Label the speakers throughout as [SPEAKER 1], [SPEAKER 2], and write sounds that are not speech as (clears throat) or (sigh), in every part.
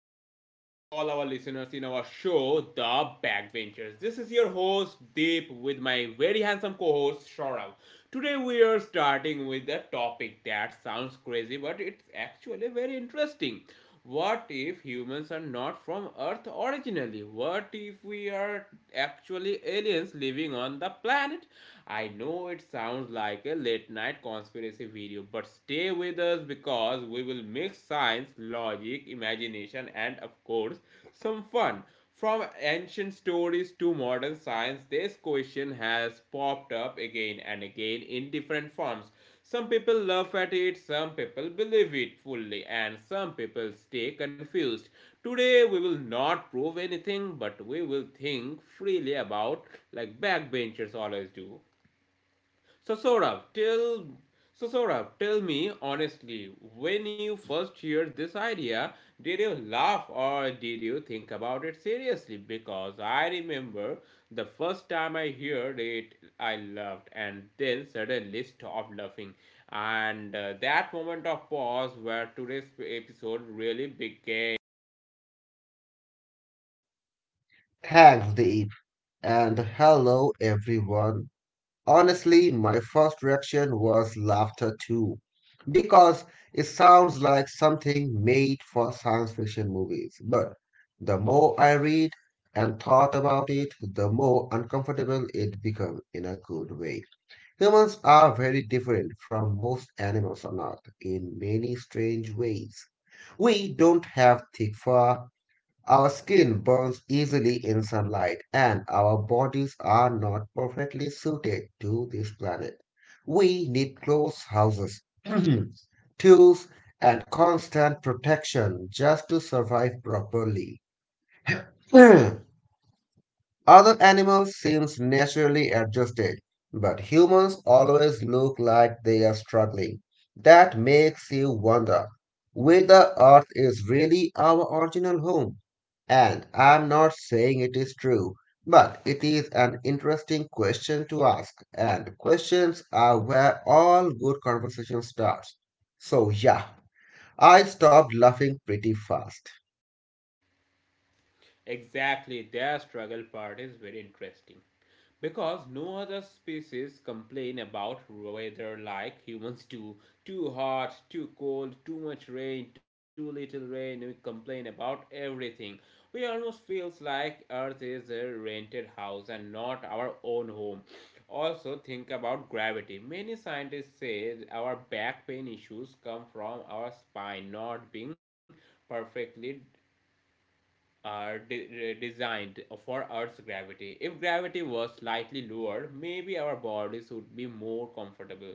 [SPEAKER 1] welcome back to all our listeners in our show, The Backbenchers. This is your host, Deep, with my very handsome co host, Shaurav. Today we are starting with a topic that sounds crazy, but it's actually very interesting. What if humans are not from Earth originally? What if we are actually aliens living on the planet? I know it sounds like a late night conspiracy video, news, but stay with us because we will mix science, logic, imagination, and of course, some fun. From ancient stories to modern science, this question has popped up again and again in different forms. Some people laugh at it, some people believe it fully, and some people stay confused. Today we will not prove anything, but we will think freely about like backbenchers always do. So Saurabh, tell so Saurabh, tell me honestly, when you first heard this idea, did you laugh or did you think about it seriously? Because I remember the first time I heard it, I laughed and then suddenly stopped laughing. And that moment of pause where today's episode really began.
[SPEAKER 2] Thanks, Deep, and hello everyone. Honestly, my first reaction was laughter too, because it sounds like something made for science fiction movies. But the more I read and thought about it, the more uncomfortable it became in a good way. Humans are very different from most animals on Earth in many strange ways. We don't have thick fur our skin burns easily in sunlight, and our bodies are not perfectly suited to this planet. We need close houses, (clears throat) tools, and constant protection just to survive properly. (clears throat) Other animals seem naturally adjusted, but humans always look like they are struggling. That makes you wonder whether Earth is really our original home. And I'm not saying it is true, but it is an interesting question to ask, and questions are where all good conversation starts. So, yeah, I stopped laughing pretty fast.
[SPEAKER 1] Exactly, their struggle part is very interesting, because no other species complain about weather like humans do. Too hot, too cold, too much rain, too little rain, we complain about everything. We almost feels like earth is a rented house and not our own home. Also think about gravity. Many scientists say our back pain issues come from our spine not being perfectly are de- designed for Earth's gravity. If gravity was slightly lower, maybe our bodies would be more comfortable.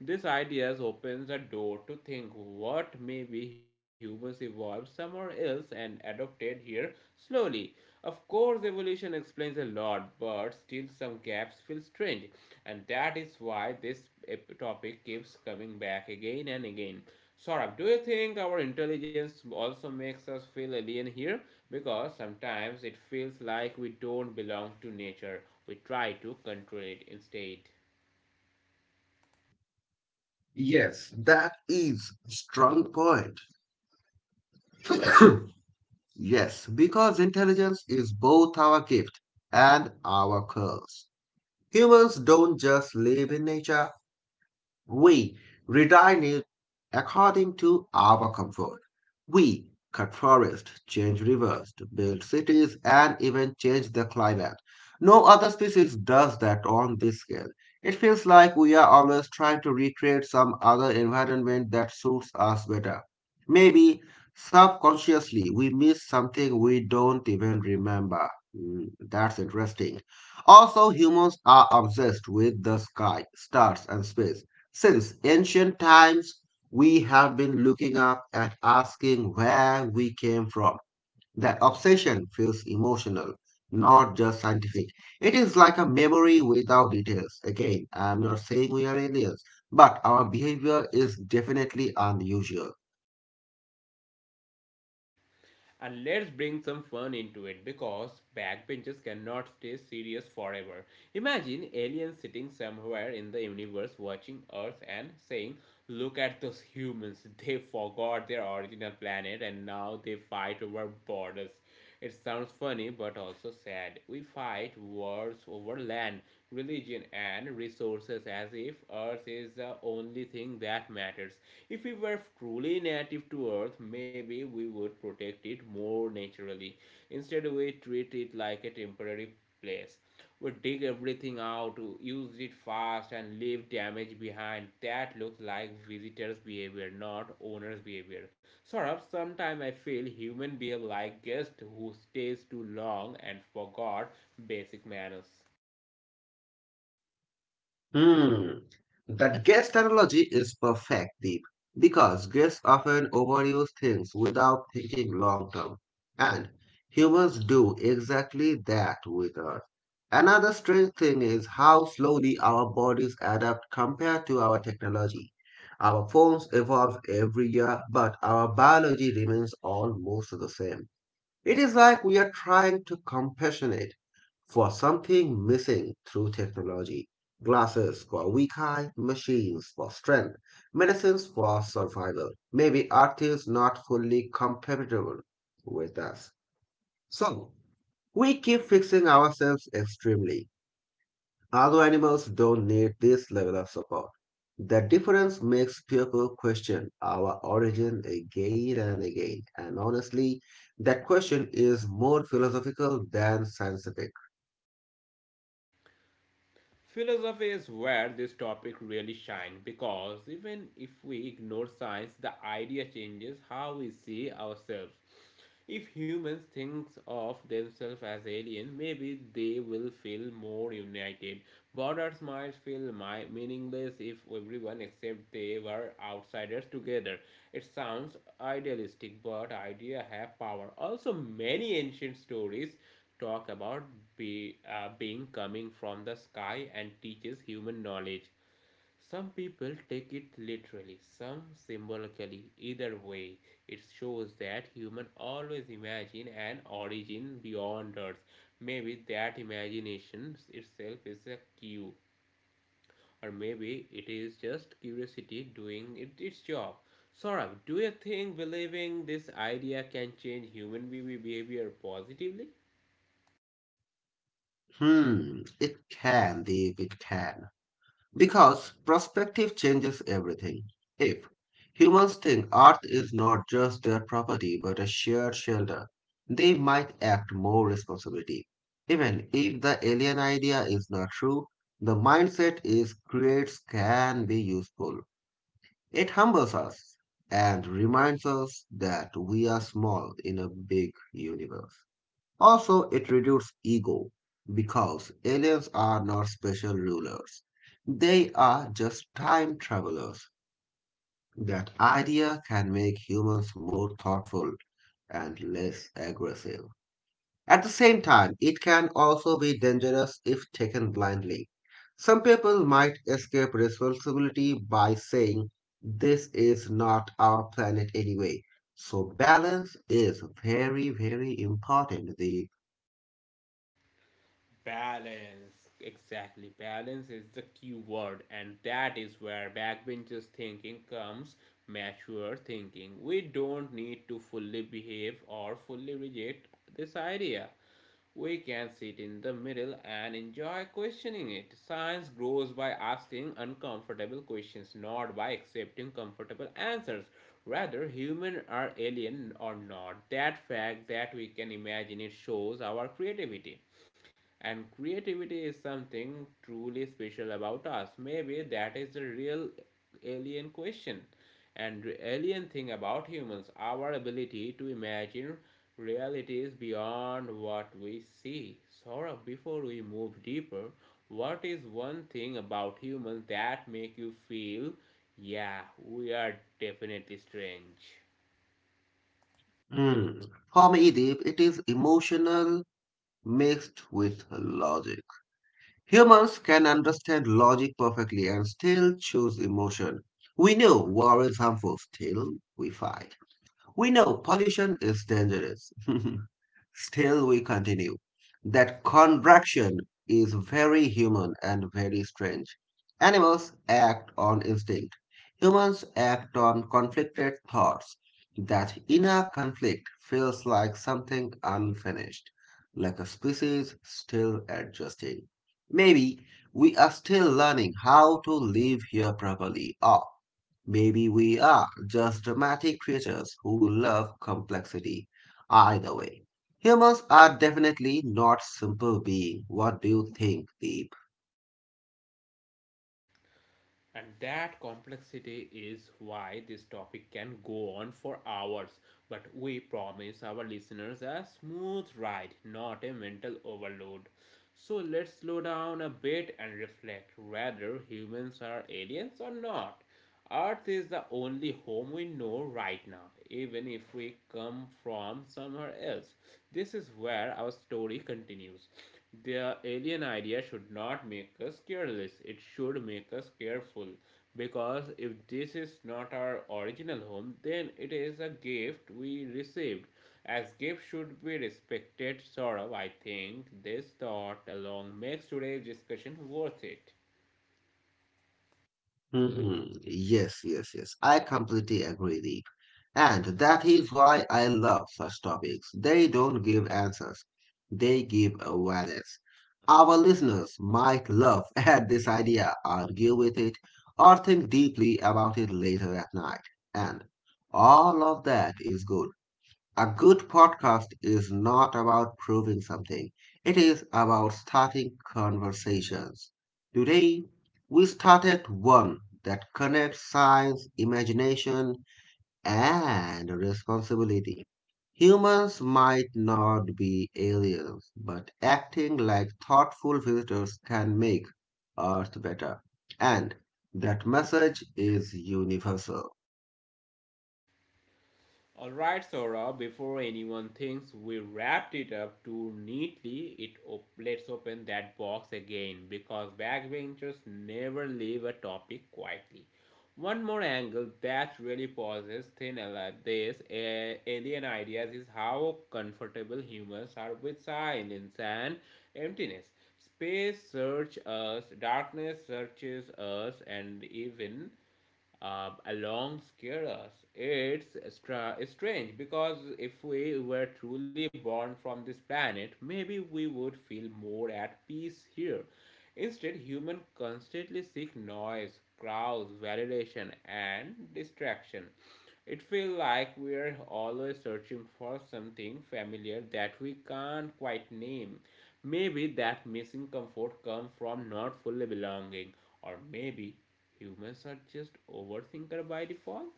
[SPEAKER 1] This idea opens a door to think what maybe humans evolved somewhere else and adopted here slowly. Of course, evolution explains a lot, but still some gaps feel strange, and that is why this topic keeps coming back again and again. Saurabh, do you think our intelligence also makes us feel alien here? Because sometimes it feels like we don't belong to nature, we try to control it instead.
[SPEAKER 2] Yes, that is a strong point. (coughs) Yes, because intelligence is both our gift and our curse. Humans don't just live in nature, we redesign it according to our comfort. We cut forests, change rivers, build cities, and even change the climate. No other species does that on this scale. It feels like we are always trying to recreate some other environment that suits us better. Maybe subconsciously we miss something we don't even remember. Hmm, that's interesting. Also, humans are obsessed with the sky, stars, and space. Since ancient times, we have been looking up at asking where we came from. That obsession feels emotional, not just scientific. It is like a memory without details. Again, I am not saying we are aliens, but our behavior is definitely unusual.
[SPEAKER 1] And let's bring some fun into it because backbenchers cannot stay serious forever. Imagine aliens sitting somewhere in the universe watching Earth and saying, look at those humans, (laughs) they forgot their original planet and now they fight over borders. It sounds funny but also sad. We fight wars over land, religion, and resources as if Earth is the only thing that matters. If we were truly native to Earth, maybe we would protect it more naturally. Instead, we treat it like a temporary place. We dig everything out, use it fast, and leave damage behind. That looks like visitors' behavior, not owners' behavior. Sort of, sometimes I feel human behave like guests who stays too long and forgot basic manners.
[SPEAKER 2] Hmm. That guest analogy is perfect, Deep, because guests often overuse things without thinking long term. And humans do exactly that with us. Another strange thing is how slowly our bodies adapt compared to our technology. Our phones evolve every year, but our biology remains almost the same. It is like we are trying to compassionate for something missing through technology. Glasses for weak eye, machines for strength, medicines for survival. Maybe art is not fully compatible with us. So, we keep fixing ourselves extremely. Other animals don't need this level of support. The difference makes people question our origin again and again. And honestly, that question is more philosophical than scientific.
[SPEAKER 1] Philosophy is where this topic really shines because even if we ignore science, the idea changes how we see ourselves. If humans think of themselves as aliens, maybe they will feel more united. Borders might feel meaningless if everyone except they were outsiders together. It sounds idealistic, but ideas have power. Also, many ancient stories talk about being coming from the sky and teaches human knowledge. Some people take it literally, some symbolically. Either way, it shows that human always imagine an origin beyond Earth. Maybe that imagination itself is a cue, or maybe it is just curiosity doing it, its job. Saurabh, do you think believing this idea can change human behavior positively?
[SPEAKER 2] Hmm, it can, Deep, it can. Because perspective changes everything. If humans think Earth is not just their property but a shared shelter, they might act more responsibility. Even if the alien idea is not true, the mindset is creates can be useful. It humbles us and reminds us that we are small in a big universe. Also, it reduces ego because aliens are not special rulers. They are just time travelers. That idea can make humans more thoughtful and less aggressive. At the same time, it can also be dangerous if taken blindly. Some people might escape responsibility by saying, "This is not our planet anyway." So, balance is very, very important these.
[SPEAKER 1] Balance, exactly. Balance is the key word, and that is where backbenchers thinking comes mature thinking. We don't need to fully behave or fully reject this idea. We can sit in the middle and enjoy questioning it. Science grows by asking uncomfortable questions, not by accepting comfortable answers. Rather, human or alien or not. That fact that we can imagine it shows our creativity. And creativity is something truly special about us. Maybe that is the real alien question and the alien thing about humans our ability to imagine realities beyond what we see. Saurabh, before we move deeper, what is one thing about humans that make you feel, yeah, we are definitely strange?
[SPEAKER 2] Hmm. For me, Deep, it is emotional mixed with logic. Humans can understand logic perfectly and still choose emotion. We know war is harmful, still we fight. We know pollution is dangerous, (laughs) still, we continue. That contraction is very human and very strange. Animals act on instinct, humans act on conflicted thoughts. That inner conflict feels like something unfinished, like a species still adjusting. Maybe we are still learning how to live here properly, or maybe we are just dramatic creatures who love complexity. Either way, humans are definitely not simple beings. What do you think, Deep?
[SPEAKER 1] And that complexity is why this topic can go on for hours. But we promise our listeners a smooth ride, not a mental overload. So let's slow down a bit and reflect whether humans are aliens or not. Earth is the only home we know right now, even if we come from somewhere else. This is where our story continues. The alien idea should not make us careless, it should make us careful. Because if this is not our original home, then it is a gift we received. As gift should be respected, sort of, I think this thought alone makes today's discussion worth it.
[SPEAKER 2] Mm, yes, yes, yes. I completely agree, Deep. And that is why I love such topics. They don't give answers, they give awareness. Our listeners might laugh (laughs) at this idea, argue with it, or think deeply about it later at night. And all of that is good. A good podcast is not about proving something, it is about starting conversations. Today, we started one that connects science, imagination, and responsibility. Humans might not be aliens, but acting like thoughtful visitors can make Earth better. And that message is universal.
[SPEAKER 1] Alright, Sora, before anyone thinks we wrapped it up too neatly, let's open that box again because backbenchers never leave a topic quietly. One more angle that really pauses thin ala- this a- alien ideas is how comfortable humans are with silence and emptiness. Space searches us, darkness searches us, and even along scare us. It's strange because if we were truly born from this planet, maybe we would feel more at peace here. Instead, humans constantly seek noise, crowds, validation, and distraction. It feels like we are always searching for something familiar that we can't quite name. Maybe that missing comfort comes from not fully belonging, or maybe humans are just overthinker by default.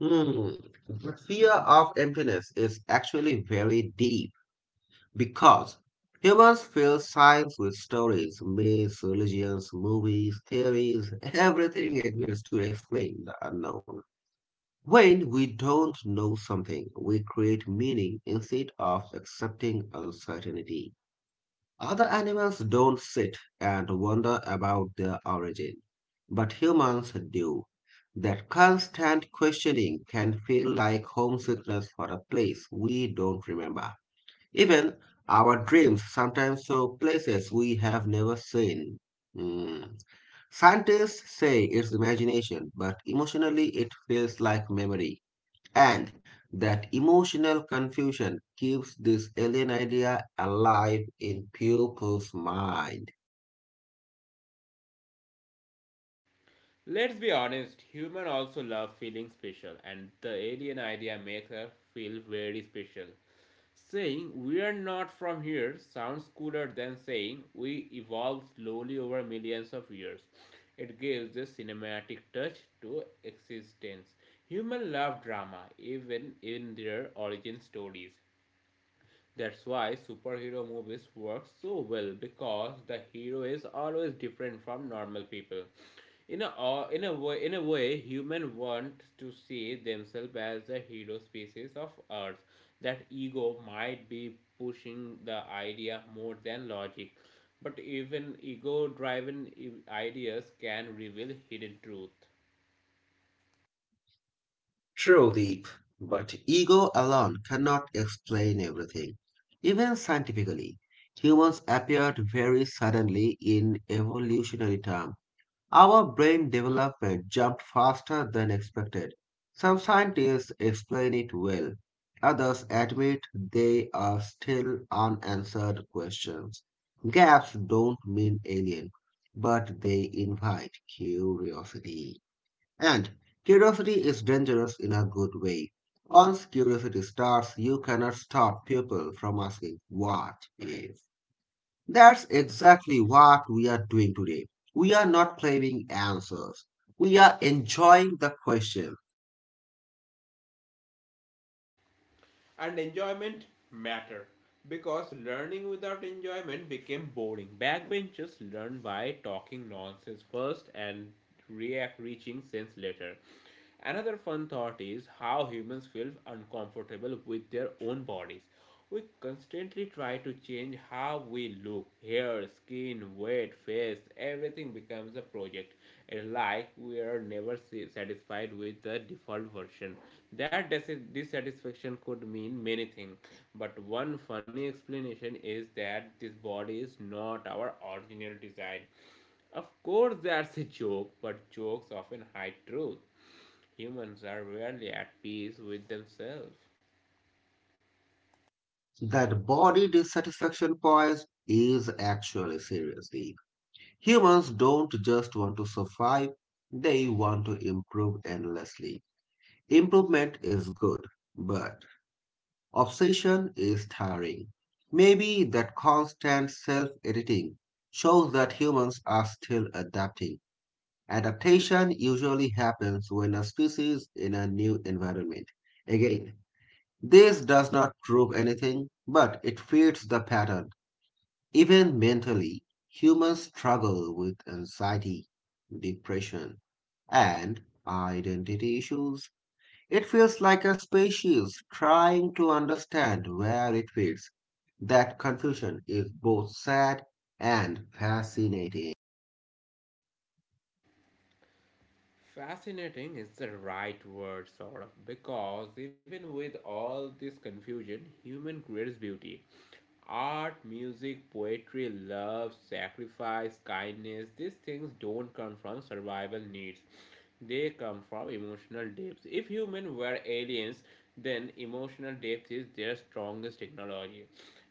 [SPEAKER 2] Hmm, the fear of emptiness is actually very deep because humans fill science with stories, myths, religions, movies, theories, everything exists to explain the unknown. When we don't know something, we create meaning instead of accepting uncertainty. Other animals don't sit and wonder about their origin, but humans do. That constant questioning can feel like homesickness for a place we don't remember. Even our dreams sometimes show places we have never seen. Hmm. Scientists say it's imagination, but emotionally it feels like memory. And that emotional confusion keeps this alien idea alive in people's mind.
[SPEAKER 1] Let's be honest, humans also love feeling special, and the alien idea makes us feel very special. Saying we are not from here sounds cooler than saying we evolved slowly over millions of years. It gives a cinematic touch to existence. Humans love drama, even in their origin stories. That's why superhero movies work so well because the hero is always different from normal people. In a way, human want to see themselves as the hero species of Earth. That ego might be pushing the idea more than logic, but even ego-driven ideas can reveal hidden truth.
[SPEAKER 2] Truly. But ego alone cannot explain everything. Even scientifically, humans appeared very suddenly in evolutionary terms. Our brain development jumped faster than expected. Some scientists explain it well. Others admit they are still unanswered questions. Gaps don't mean alien, but they invite curiosity. And curiosity is dangerous in a good way. Once curiosity starts, you cannot stop people from asking what if. That's exactly what we are doing today. We are not claiming answers. We are enjoying the question.
[SPEAKER 1] And enjoyment matter because learning without enjoyment became boring. Backbenchers learn by talking nonsense first and react reaching sense later. Another fun thought is how humans feel uncomfortable with their own bodies. We constantly try to change how we look, hair, skin, weight, face, everything becomes a project. It's like we are never satisfied with the default version. That dissatisfaction could mean many things, but one funny explanation is that this body is not our original design. Of course, that's a joke, but jokes often hide truth. Humans are rarely at peace with themselves.
[SPEAKER 2] That body dissatisfaction poise is actually seriously. Humans don't just want to survive, they want to improve endlessly. Improvement is good, but obsession is tiring. Maybe that constant self editing shows that humans are still adapting. Adaptation usually happens when a species in a new environment. Again, this does not prove anything, but it fits the pattern. Even mentally, humans struggle with anxiety, depression, and identity issues. It feels like a species trying to understand where it fits. That confusion is both sad and fascinating.
[SPEAKER 1] Fascinating is the right word, sort of, because even with all this confusion, human creates beauty. Art, music, poetry, love, sacrifice, kindness, these things don't come from survival needs. They come from emotional depths. If humans were aliens, then emotional depth is their strongest technology.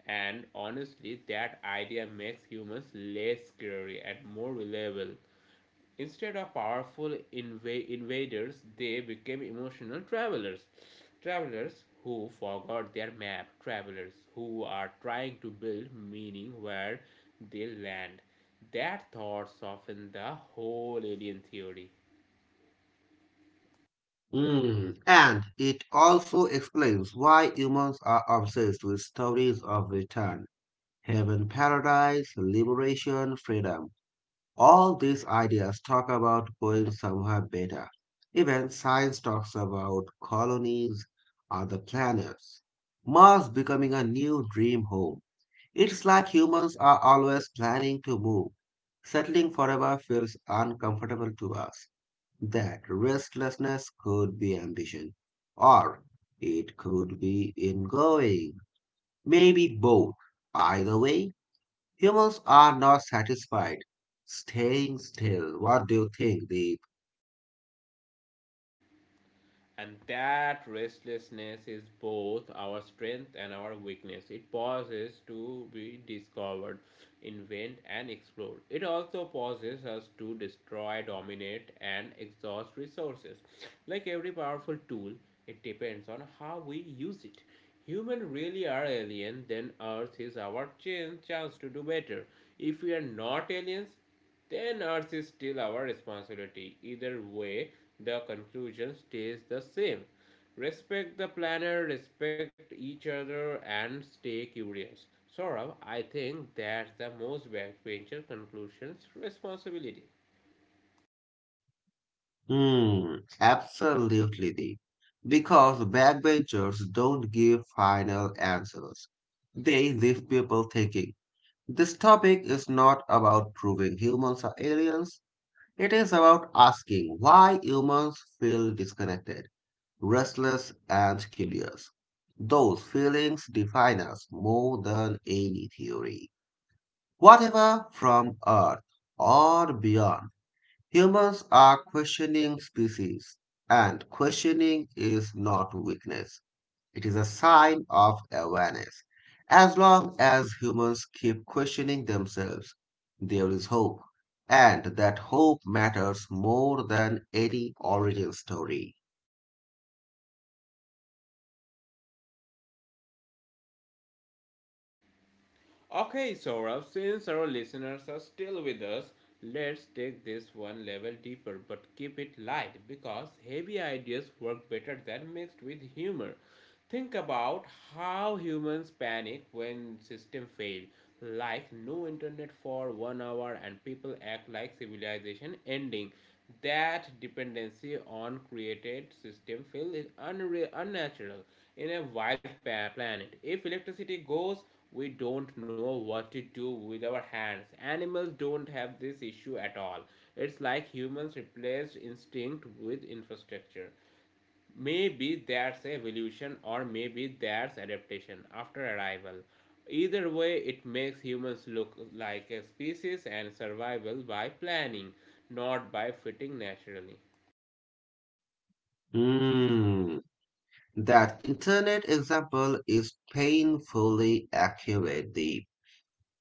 [SPEAKER 1] And honestly, that idea makes humans less scary and more reliable. Instead of powerful invaders, they became emotional travelers. Travelers who forgot their map, travelers who are trying to build meaning where they land. That thought softened the whole alien theory.
[SPEAKER 2] Mm, and it also explains why humans are obsessed with stories of return, heaven, paradise, liberation, freedom. All these ideas talk about going somewhere better. Even science talks about colonies, other planets, Mars becoming a new dream home. It's like humans are always planning to move. Settling forever feels uncomfortable to us. That restlessness could be ambition, or it could be ingoing, maybe both. Either way, humans are not satisfied staying still. What do you think, Deep?
[SPEAKER 1] And that restlessness is both our strength and our weakness. It pauses to be discovered, invent, and explored. It also pauses us to destroy, dominate, and exhaust resources. Like every powerful tool, it depends on how we use it. Humans really are alien, then Earth is our chance to do better. If we are not aliens, then Earth is still our responsibility. Either way, the conclusion stays the same. Respect the planet, respect each other, and stay curious. Saurav, I think that's the most backbencher conclusion's responsibility.
[SPEAKER 2] Hmm, absolutely, Deep. Because backbenchers don't give final answers. They leave people thinking. This topic is not about proving humans are aliens. It is about asking why humans feel disconnected, restless, and curious. Those feelings define us more than any theory. Whatever from Earth or beyond, humans are questioning species, and questioning is not weakness. It is a sign of awareness. As long as humans keep questioning themselves, there is hope, and that hope matters more than any origin story.
[SPEAKER 1] Okay, Saurabh, since our listeners are still with us, let's take this one level deeper but keep it light because heavy ideas work better than mixed with humor. Think about how humans panic when system fail, like no internet for 1 hour and people act like civilization ending. That dependency on created system fill is unnatural in a wild planet. If electricity goes, we don't know what to do with our hands. Animals don't have this issue at all. It's like humans replaced instinct with infrastructure. Maybe that's evolution or maybe that's adaptation after arrival. Either way, it makes humans look like a species and survival by planning, not by fitting naturally.
[SPEAKER 2] Hmm, that internet example is painfully accurate, Deep.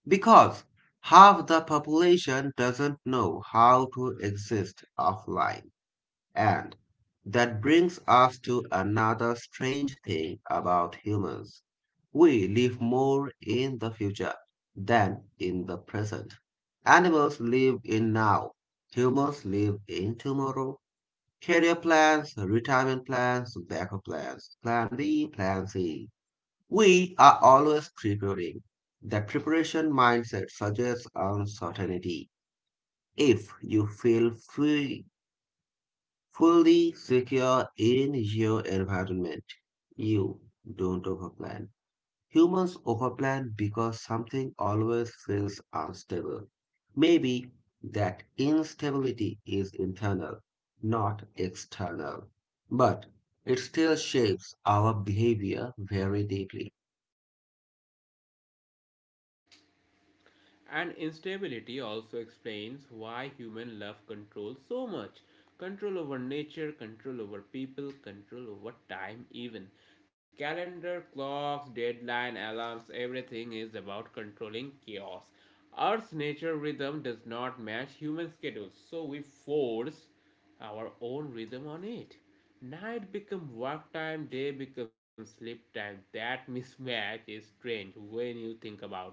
[SPEAKER 2] Because half the population doesn't know how to exist offline. And that brings us to another strange thing about humans. We live more in the future than in the present. Animals live in now, humans live in tomorrow. Career plans, retirement plans, backup plans, plan B, plan C. We are always preparing. The preparation mindset suggests uncertainty. If you feel free, fully secure in your environment, you don't overplan. Humans overplan because something always feels unstable. Maybe that instability is internal, not external, but it still shapes our behavior very deeply.
[SPEAKER 1] And instability also explains why humans love control so much. Control over nature, control over people, control over time even. Calendar, clocks, deadline, alarms, everything is about controlling chaos. Earth's nature rhythm does not match human schedules, so we force our own rhythm on it. Night become work time, day becomes sleep time. That mismatch is strange when you think about it.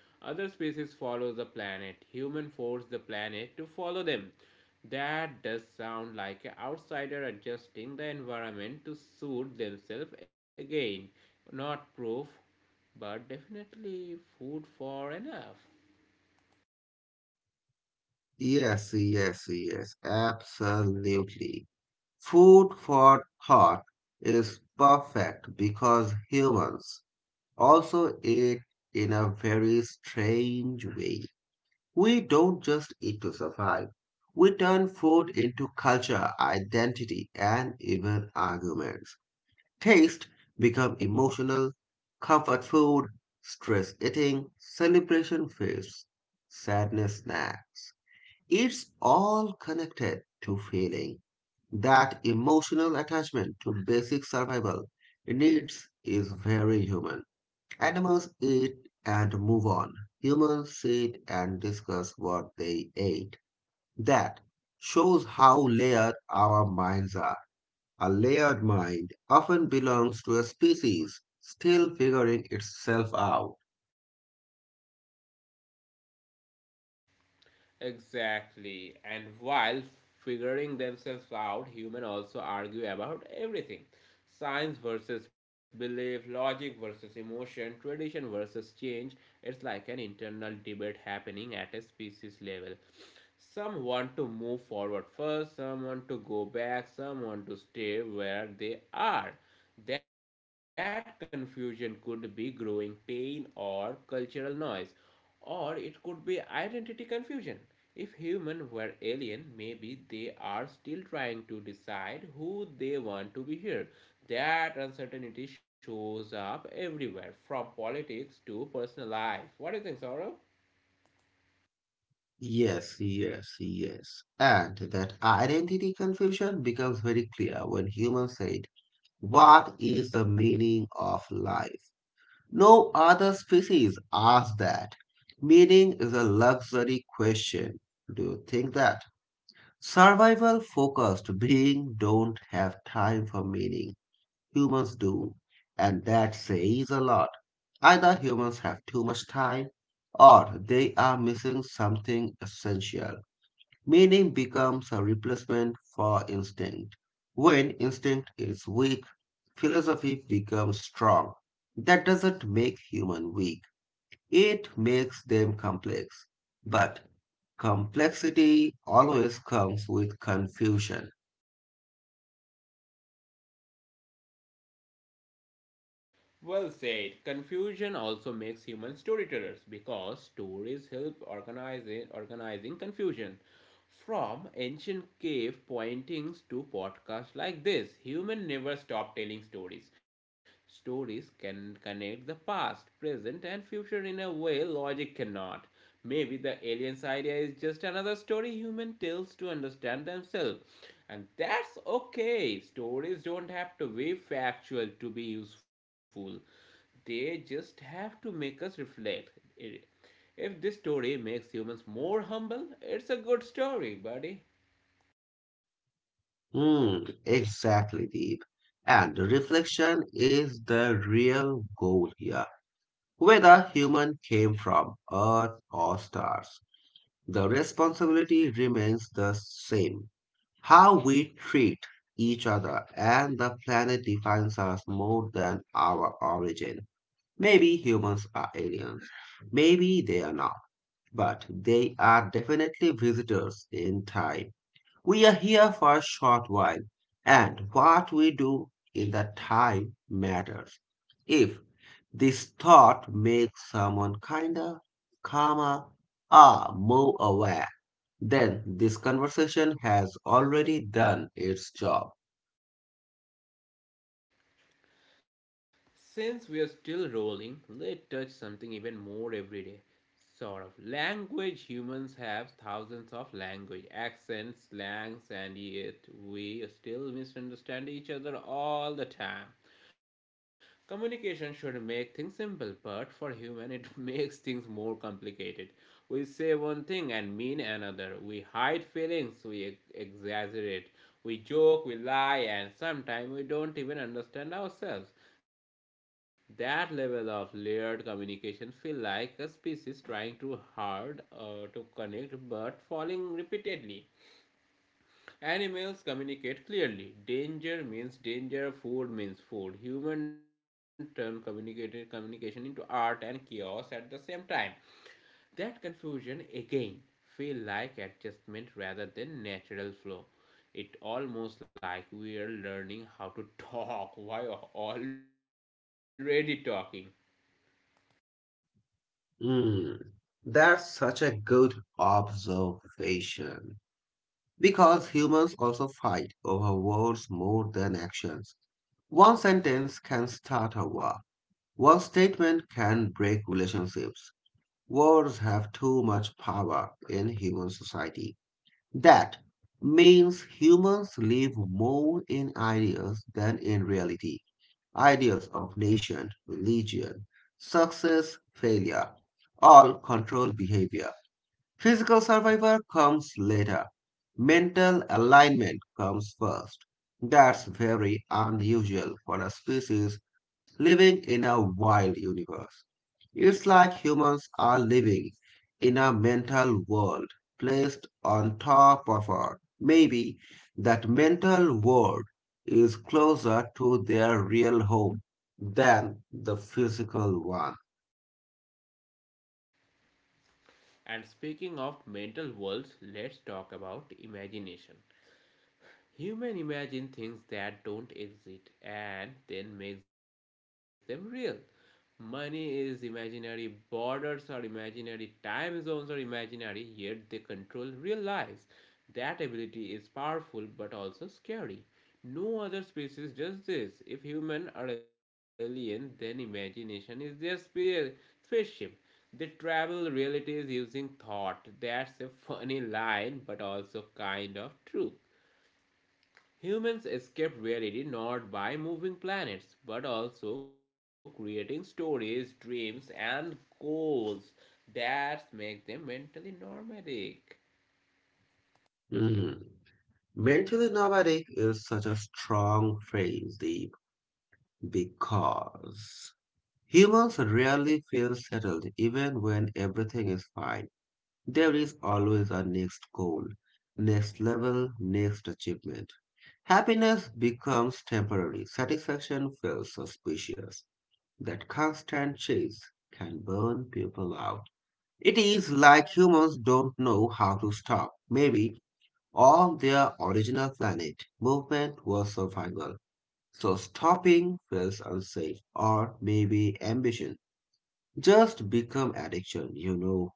[SPEAKER 1] Other species follow the planet. Human force the planet to follow them. That does sound like an outsider adjusting the environment to suit themselves again. Not proof, but definitely food for enough.
[SPEAKER 2] Yes, yes, yes, absolutely. Food for thought is perfect because humans also eat in a very strange way. We don't just eat to survive. We turn food into culture, identity, and even arguments. Taste become emotional, comfort food, stress eating, celebration feasts, sadness snacks. It's all connected to feeling. That emotional attachment to basic survival needs is very human. Animals eat and move on. Humans sit and discuss what they ate. That shows how layered our minds are. A layered mind often belongs to a species still figuring itself out.
[SPEAKER 1] Exactly. And while figuring themselves out, humans also argue about everything: science versus belief, logic versus emotion, tradition versus change. It's like an internal debate happening at a species level. Some want to move forward first, some want to go back, some want to stay where they are. That confusion could be growing pain or cultural noise, or it could be identity confusion. If humans were alien, maybe they are still trying to decide who they want to be here. That uncertainty shows up everywhere, from politics to personal life. What do you think, Saurabh?
[SPEAKER 2] Yes, yes, yes. And that identity confusion becomes very clear when humans said, "What is the meaning of life?" No other species asks that. Meaning is a luxury question. Do you think that? Survival focused beings don't have time for meaning. Humans do. And that says a lot. Either humans have too much time or they are missing something essential. Meaning becomes a replacement for instinct. When instinct is weak, philosophy becomes strong. That doesn't make human weak. It makes them complex. But complexity always comes with confusion.
[SPEAKER 1] Well said. Confusion also makes human storytellers because stories help organize organizing confusion. From ancient cave pointings to podcasts like this, humans never stop telling stories. Stories can connect the past, present, and future in a way logic cannot. Maybe the aliens idea is just another story human tells to understand themselves. And that's okay. Stories don't have to be factual to be useful. They just have to make us reflect. If this story makes humans more humble, it's a good story, buddy.
[SPEAKER 2] Hmm, exactly, Deep. And reflection is the real goal here. Whether human came from Earth or stars, the responsibility remains the same. How we treat each other and the planet defines us more than our origin. Maybe humans are aliens. Maybe they are not. But they are definitely visitors in time. We are here for a short while, and what we do in that time matters. If this thought makes someone kinder, calmer, or more aware, then this conversation has already done its job.
[SPEAKER 1] Since we are still rolling, let's touch something even more everyday. Sort of language. Humans have thousands of language, accents, slangs, and yet we still misunderstand each other all the time. Communication should make things simple, but for human it (laughs) makes things more complicated. We say one thing and mean another. We hide feelings, we exaggerate, we joke, we lie, and sometimes we don't even understand ourselves. That level of layered communication feel like a species trying too hard to connect but falling repeatedly. Animals communicate clearly. Danger means danger, food means food. Human turn communicated communication into art and chaos at the same time. That confusion again feel like adjustment rather than natural flow. It almost like we are learning how to talk (laughs) while already talking.
[SPEAKER 2] Hmm, that's such a good observation. Because humans also fight over words more than actions. One sentence can start a war, one statement can break relationships. Words have too much power in human society. That means humans live more in ideas than in reality, ideas of nation, religion, success, failure, all control behavior. Physical survival comes later. Mental alignment comes first. That's very unusual for a species living in a wild universe. It's like humans are living in a mental world placed on top of ours. Maybe that mental world is closer to their real home than the physical one.
[SPEAKER 1] And speaking of mental worlds, let's talk about imagination. Human imagine things that don't exist and then makes them real. Money is imaginary, borders are imaginary, time zones are imaginary, yet they control real lives. That ability is powerful but also scary. No other species does this. If human are alien, then imagination is their spaceship. They travel realities using thought. That's a funny line, but also kind of true. Humans escape reality not by moving planets, but also creating stories, dreams, and goals that make them mentally nomadic.
[SPEAKER 2] Mm. Mentally nomadic is such a strong phrase, Deep, because humans rarely feel settled even when everything is fine. There is always a next goal, next level, next achievement. Happiness becomes temporary, satisfaction feels suspicious. That constant chase can burn people out. It is like humans don't know how to stop. Maybe on their original planet movement was survival, so stopping feels unsafe, or maybe ambition just become addiction.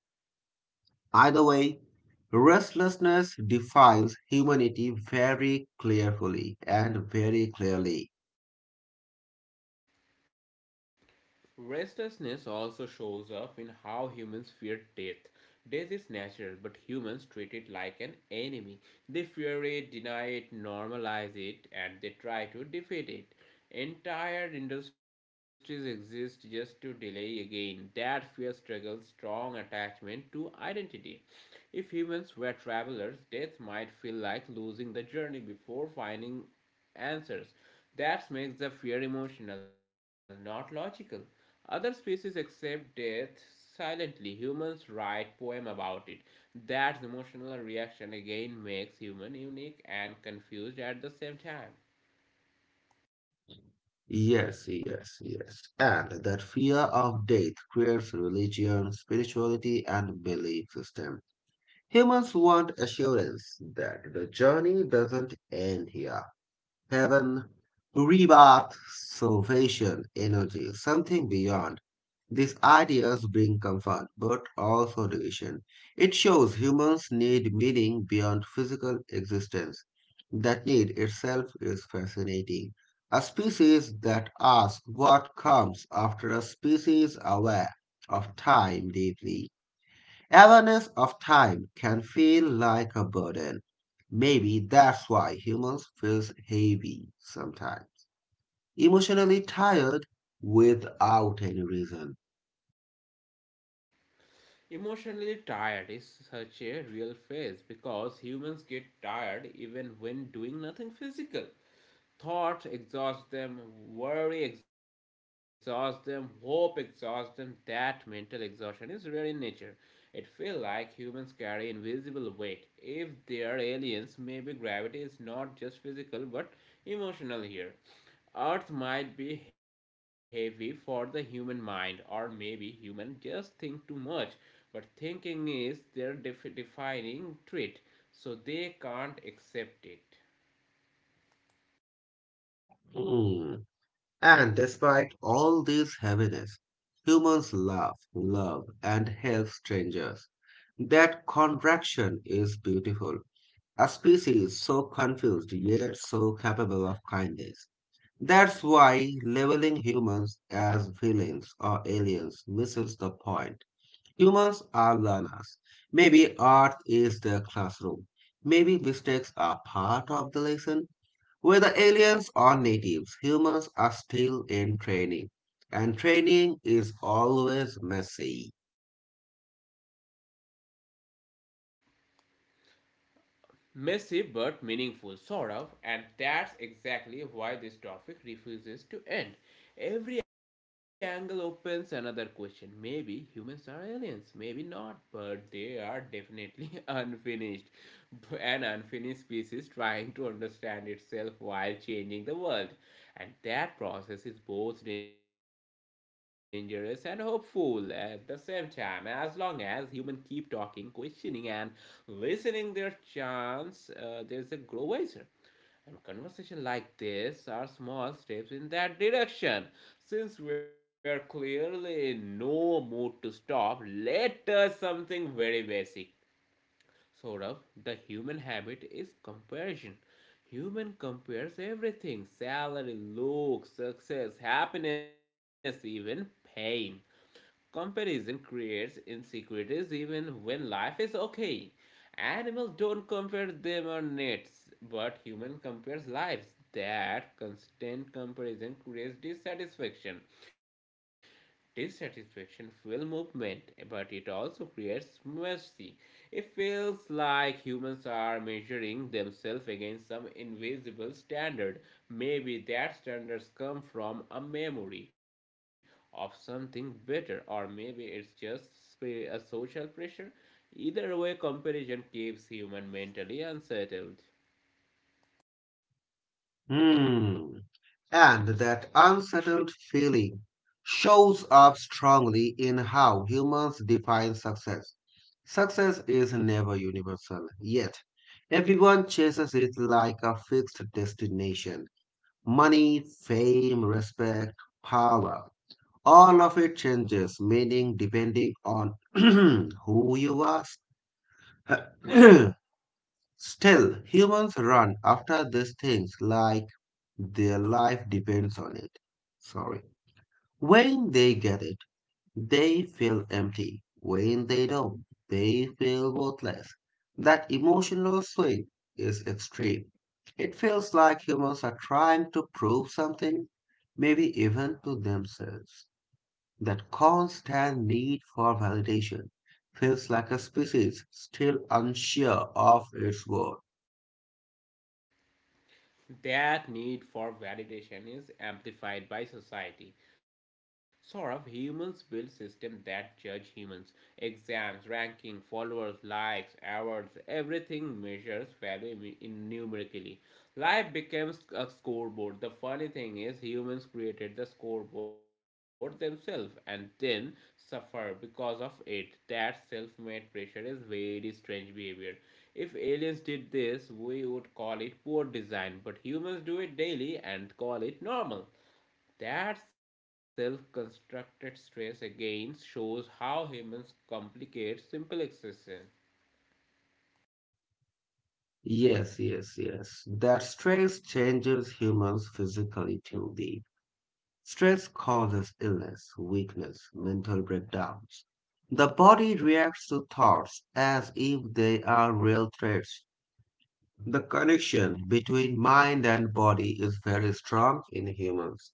[SPEAKER 2] Either way, restlessness defines humanity very clearly and very clearly.
[SPEAKER 1] Restlessness also shows up in how humans fear death. Death is natural, but humans treat it like an enemy. They fear it, deny it, normalize it, and they try to defeat it. Entire industries exist just to delay again. That fear struggles strong attachment to identity. If humans were travelers, death might feel like losing the journey before finding answers. That makes the fear emotional, not logical. Other species accept death silently. Humans write poem about it. That emotional reaction again makes human unique and confused at the same time.
[SPEAKER 2] Yes, yes, yes. And that fear of death creates religion, spirituality, and belief system. Humans want assurance that the journey doesn't end here. Heaven, rebirth, salvation, energy, something beyond. These ideas bring comfort but also division. It shows humans need meaning beyond physical existence. That need itself is fascinating. A species that asks what comes after, a species aware of time deeply. Awareness of time can feel like a burden. Maybe that's why humans feel heavy sometimes. Emotionally tired without any reason.
[SPEAKER 1] Emotionally tired is such a real phase because humans get tired even when doing nothing physical. Thoughts exhaust them, worry exhausts them, hope exhausts them. That mental exhaustion is rare in nature. It feels like humans carry invisible weight. If they are aliens, maybe gravity is not just physical but emotional here. Earth might be heavy for the human mind, or maybe humans just think too much. But thinking is their defining trait, so they can't accept it.
[SPEAKER 2] Hmm. And despite all this heaviness, humans laugh, love, and help strangers. That contraction is beautiful. A species so confused yet so capable of kindness. That's why labeling humans as villains or aliens misses the point. Humans are learners. Maybe art is the classroom. Maybe mistakes are part of the lesson. Whether aliens or natives, humans are still in training. And training is always messy.
[SPEAKER 1] Messy but meaningful, sort of, and that's exactly why this topic refuses to end. Every angle opens another question. Maybe humans are aliens, maybe not, but they are definitely (laughs) unfinished. An unfinished species trying to understand itself while changing the world. And that process is both dangerous and hopeful at the same time, as long as humans keep talking, questioning, and listening their chants, there's a grow wiser, and conversation like this are small steps in that direction. Since we are clearly in no mood to stop, let us something very basic, sort of. The human habit is comparison. Human compares everything: salary, looks, success, happiness, even pain. Comparison creates insecurities even when life is okay. Animals don't compare them on nets, but human compares lives. That constant comparison creates dissatisfaction. Dissatisfaction fuels movement, but it also creates mercy. It feels like humans are measuring themselves against some invisible standard. Maybe that standards come from a memory of something better, or maybe it's just a social pressure. Either way, comparison keeps human mentally unsettled.
[SPEAKER 2] Hmm. And that unsettled feeling shows up strongly in how humans define success. Success is never universal, yet everyone chases it like a fixed destination. Money, fame, respect, power. All of it changes meaning depending on (clears throat) who you ask. (clears throat) Still, humans run after these things like their life depends on it. Sorry. When they get it. They feel empty. When they don't, they feel worthless. That emotional swing is extreme. It feels like humans are trying to prove something, maybe even to themselves. That constant need for validation feels like a species still unsure of its worth.
[SPEAKER 1] That need for validation is amplified by society. Sort of humans build systems that judge humans. Exams, ranking, followers, likes, awards, everything measures value in numerically. Life becomes a scoreboard. The funny thing is humans created the scoreboard themselves and then suffer because of it. That self made pressure is very strange behavior. If aliens did this, we would call it poor design, but humans do it daily and call it normal. That self constructed stress again shows how humans complicate simple existence.
[SPEAKER 2] Yes, yes, yes. That stress changes humans physically too. The Stress causes illness, weakness, mental breakdowns. The body reacts to thoughts as if they are real threats. The connection between mind and body is very strong in humans.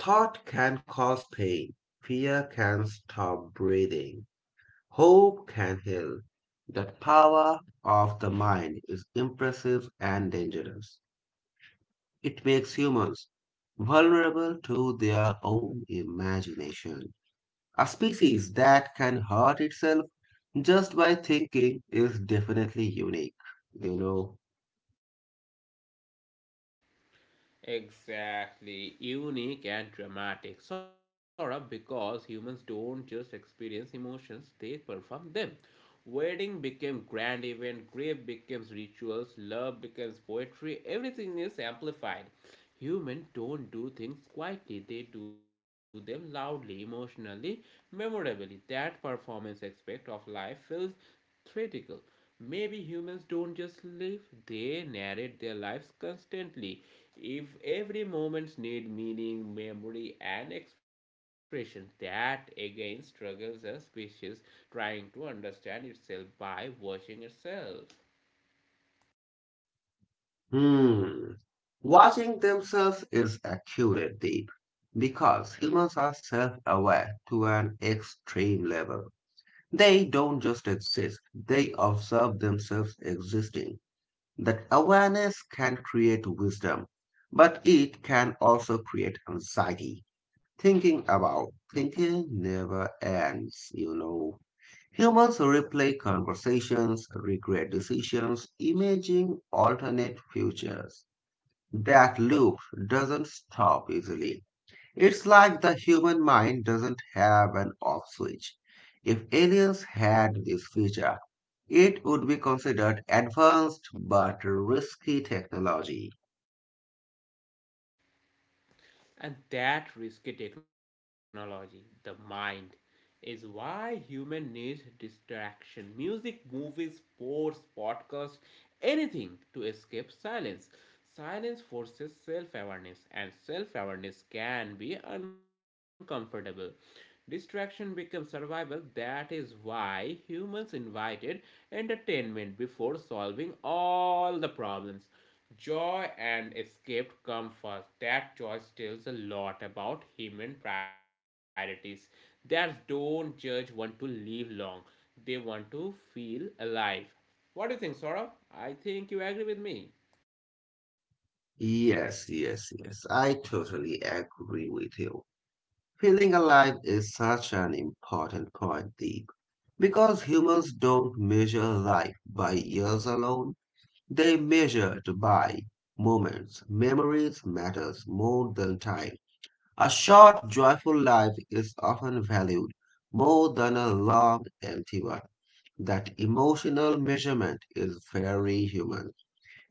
[SPEAKER 2] Thought can cause pain, fear can stop breathing, hope can heal. The power of the mind is impressive and dangerous. It makes humans vulnerable to their own imagination. A species that can hurt itself just by thinking is definitely unique, you know.
[SPEAKER 1] Exactly, unique and dramatic, sort of, because humans don't just experience emotions, they perform them. Wedding became grand event, grave becomes rituals, love becomes poetry, everything is amplified. Humans don't do things quietly, they do them loudly, emotionally, memorably. That performance aspect of life feels theatrical. Maybe humans don't just live, they narrate their lives constantly. If every moment need meaning, memory, and expression, that again struggles as species trying to understand itself by watching itself.
[SPEAKER 2] Hmm. Watching themselves is accurate, Deep, because humans are self-aware to an extreme level. They don't just exist, they observe themselves existing. That awareness can create wisdom, but it can also create anxiety. Thinking about thinking never ends. Humans replay conversations, regret decisions, imaging alternate futures. That loop doesn't stop easily. It's like the human mind doesn't have an off switch. If aliens had this feature, it would be considered advanced but risky technology.
[SPEAKER 1] And that risky technology, the mind, is why human needs distraction. Music, movies, sports, podcasts, anything to escape silence. Silence forces self awareness, and self awareness can be uncomfortable. Distraction becomes survival. That is why humans invited entertainment before solving all the problems. Joy and escape come first. That choice tells a lot about human priorities. That don't judge want to live long. They want to feel alive. What do you think, Saurabh? I think you agree with me.
[SPEAKER 2] Yes, yes, yes, I totally agree with you. Feeling alive is such an important point, Deep, because humans don't measure life by years alone. They measure it by moments. Memories matters more than time. A short, joyful life is often valued more than a long, empty one. That emotional measurement is very human.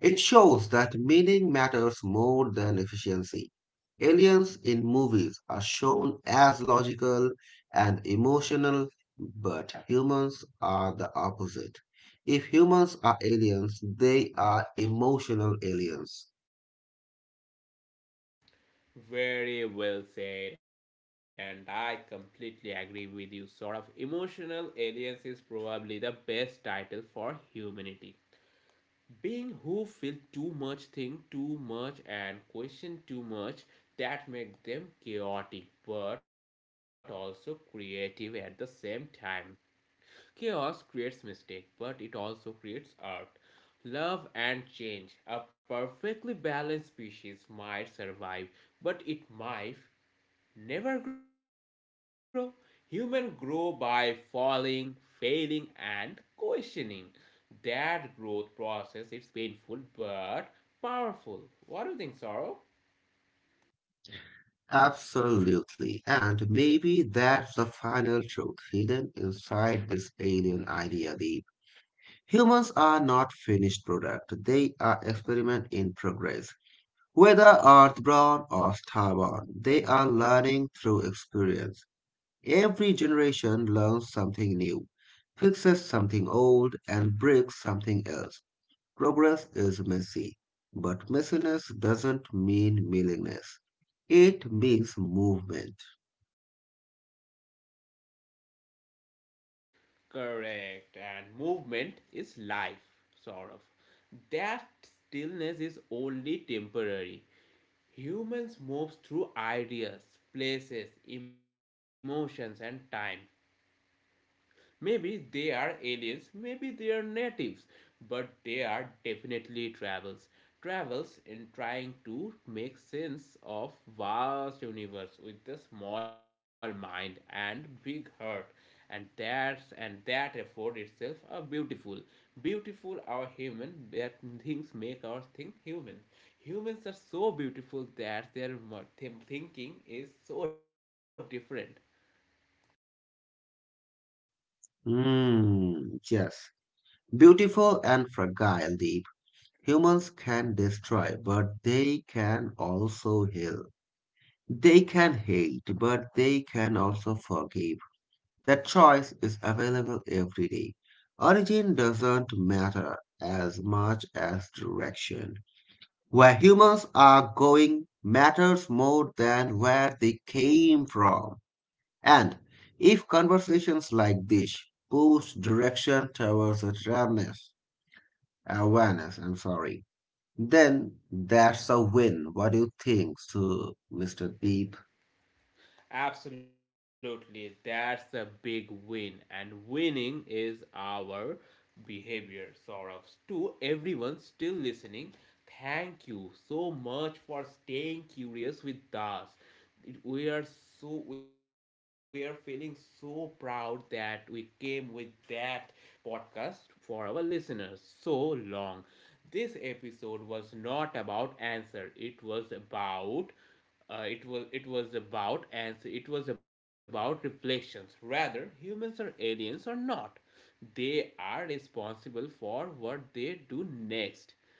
[SPEAKER 2] It shows that meaning matters more than efficiency. Aliens in movies are shown as logical and emotional, but humans are the opposite. If humans are aliens, they are emotional aliens.
[SPEAKER 1] Very well said, and I completely agree with you, Saurabh. Emotional aliens is probably the best title for humanity. Being who feel too much, think too much, and question too much, that make them chaotic but also creative at the same time. Chaos creates mistake, but it also creates art, love, and change. A perfectly balanced species might survive, but it might never grow. Humans grow by falling, failing, and questioning. That growth process is painful but powerful. What do you think, Sorrow?
[SPEAKER 2] Absolutely. And maybe that's the final truth hidden inside this alien idea, Deep. Humans are not finished product. They are experiment in progress. Whether earthborn or starborn, they are learning through experience. Every generation learns something new, fixes something old, and breaks something else. Progress is messy, but messiness doesn't mean meaningless. It means movement.
[SPEAKER 1] Correct. And movement is life, sort of. That stillness is only temporary. Humans move through ideas, places, emotions, and time. Maybe they are aliens, maybe they are natives, but they are definitely travels. Travels in trying to make sense of vast universe with a small mind and big heart. And that effort itself are beautiful. Beautiful are human that things make our thing human. Humans are so beautiful that their thinking is so different.
[SPEAKER 2] Hmm, yes. Beautiful and fragile deep. Humans can destroy, but they can also heal. They can hate, but they can also forgive. That choice is available every day. Origin doesn't matter as much as direction. Where humans are going matters more than where they came from. And if conversations like this push direction towards awareness, awareness, I'm sorry, then that's a win. What do you think, so, Mr. Deep?
[SPEAKER 1] Absolutely, that's a big win, and winning is our behavior. Sorrows to everyone still listening, thank you so much for staying curious with us. We are feeling so proud that we came with that podcast for our listeners so long. This episode was not about answer; it was about and it was about reflections. Rather humans or aliens or not, they are responsible for what they do next.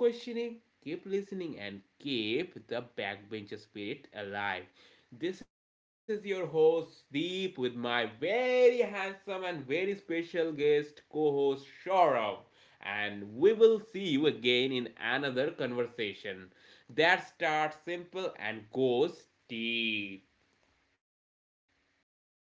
[SPEAKER 1] Keep questioning, keep listening, and keep the backbencher spirit alive. This is your host Deep with my very handsome and very special guest co host Shaurav. And we will see you again in another conversation that starts simple and goes deep.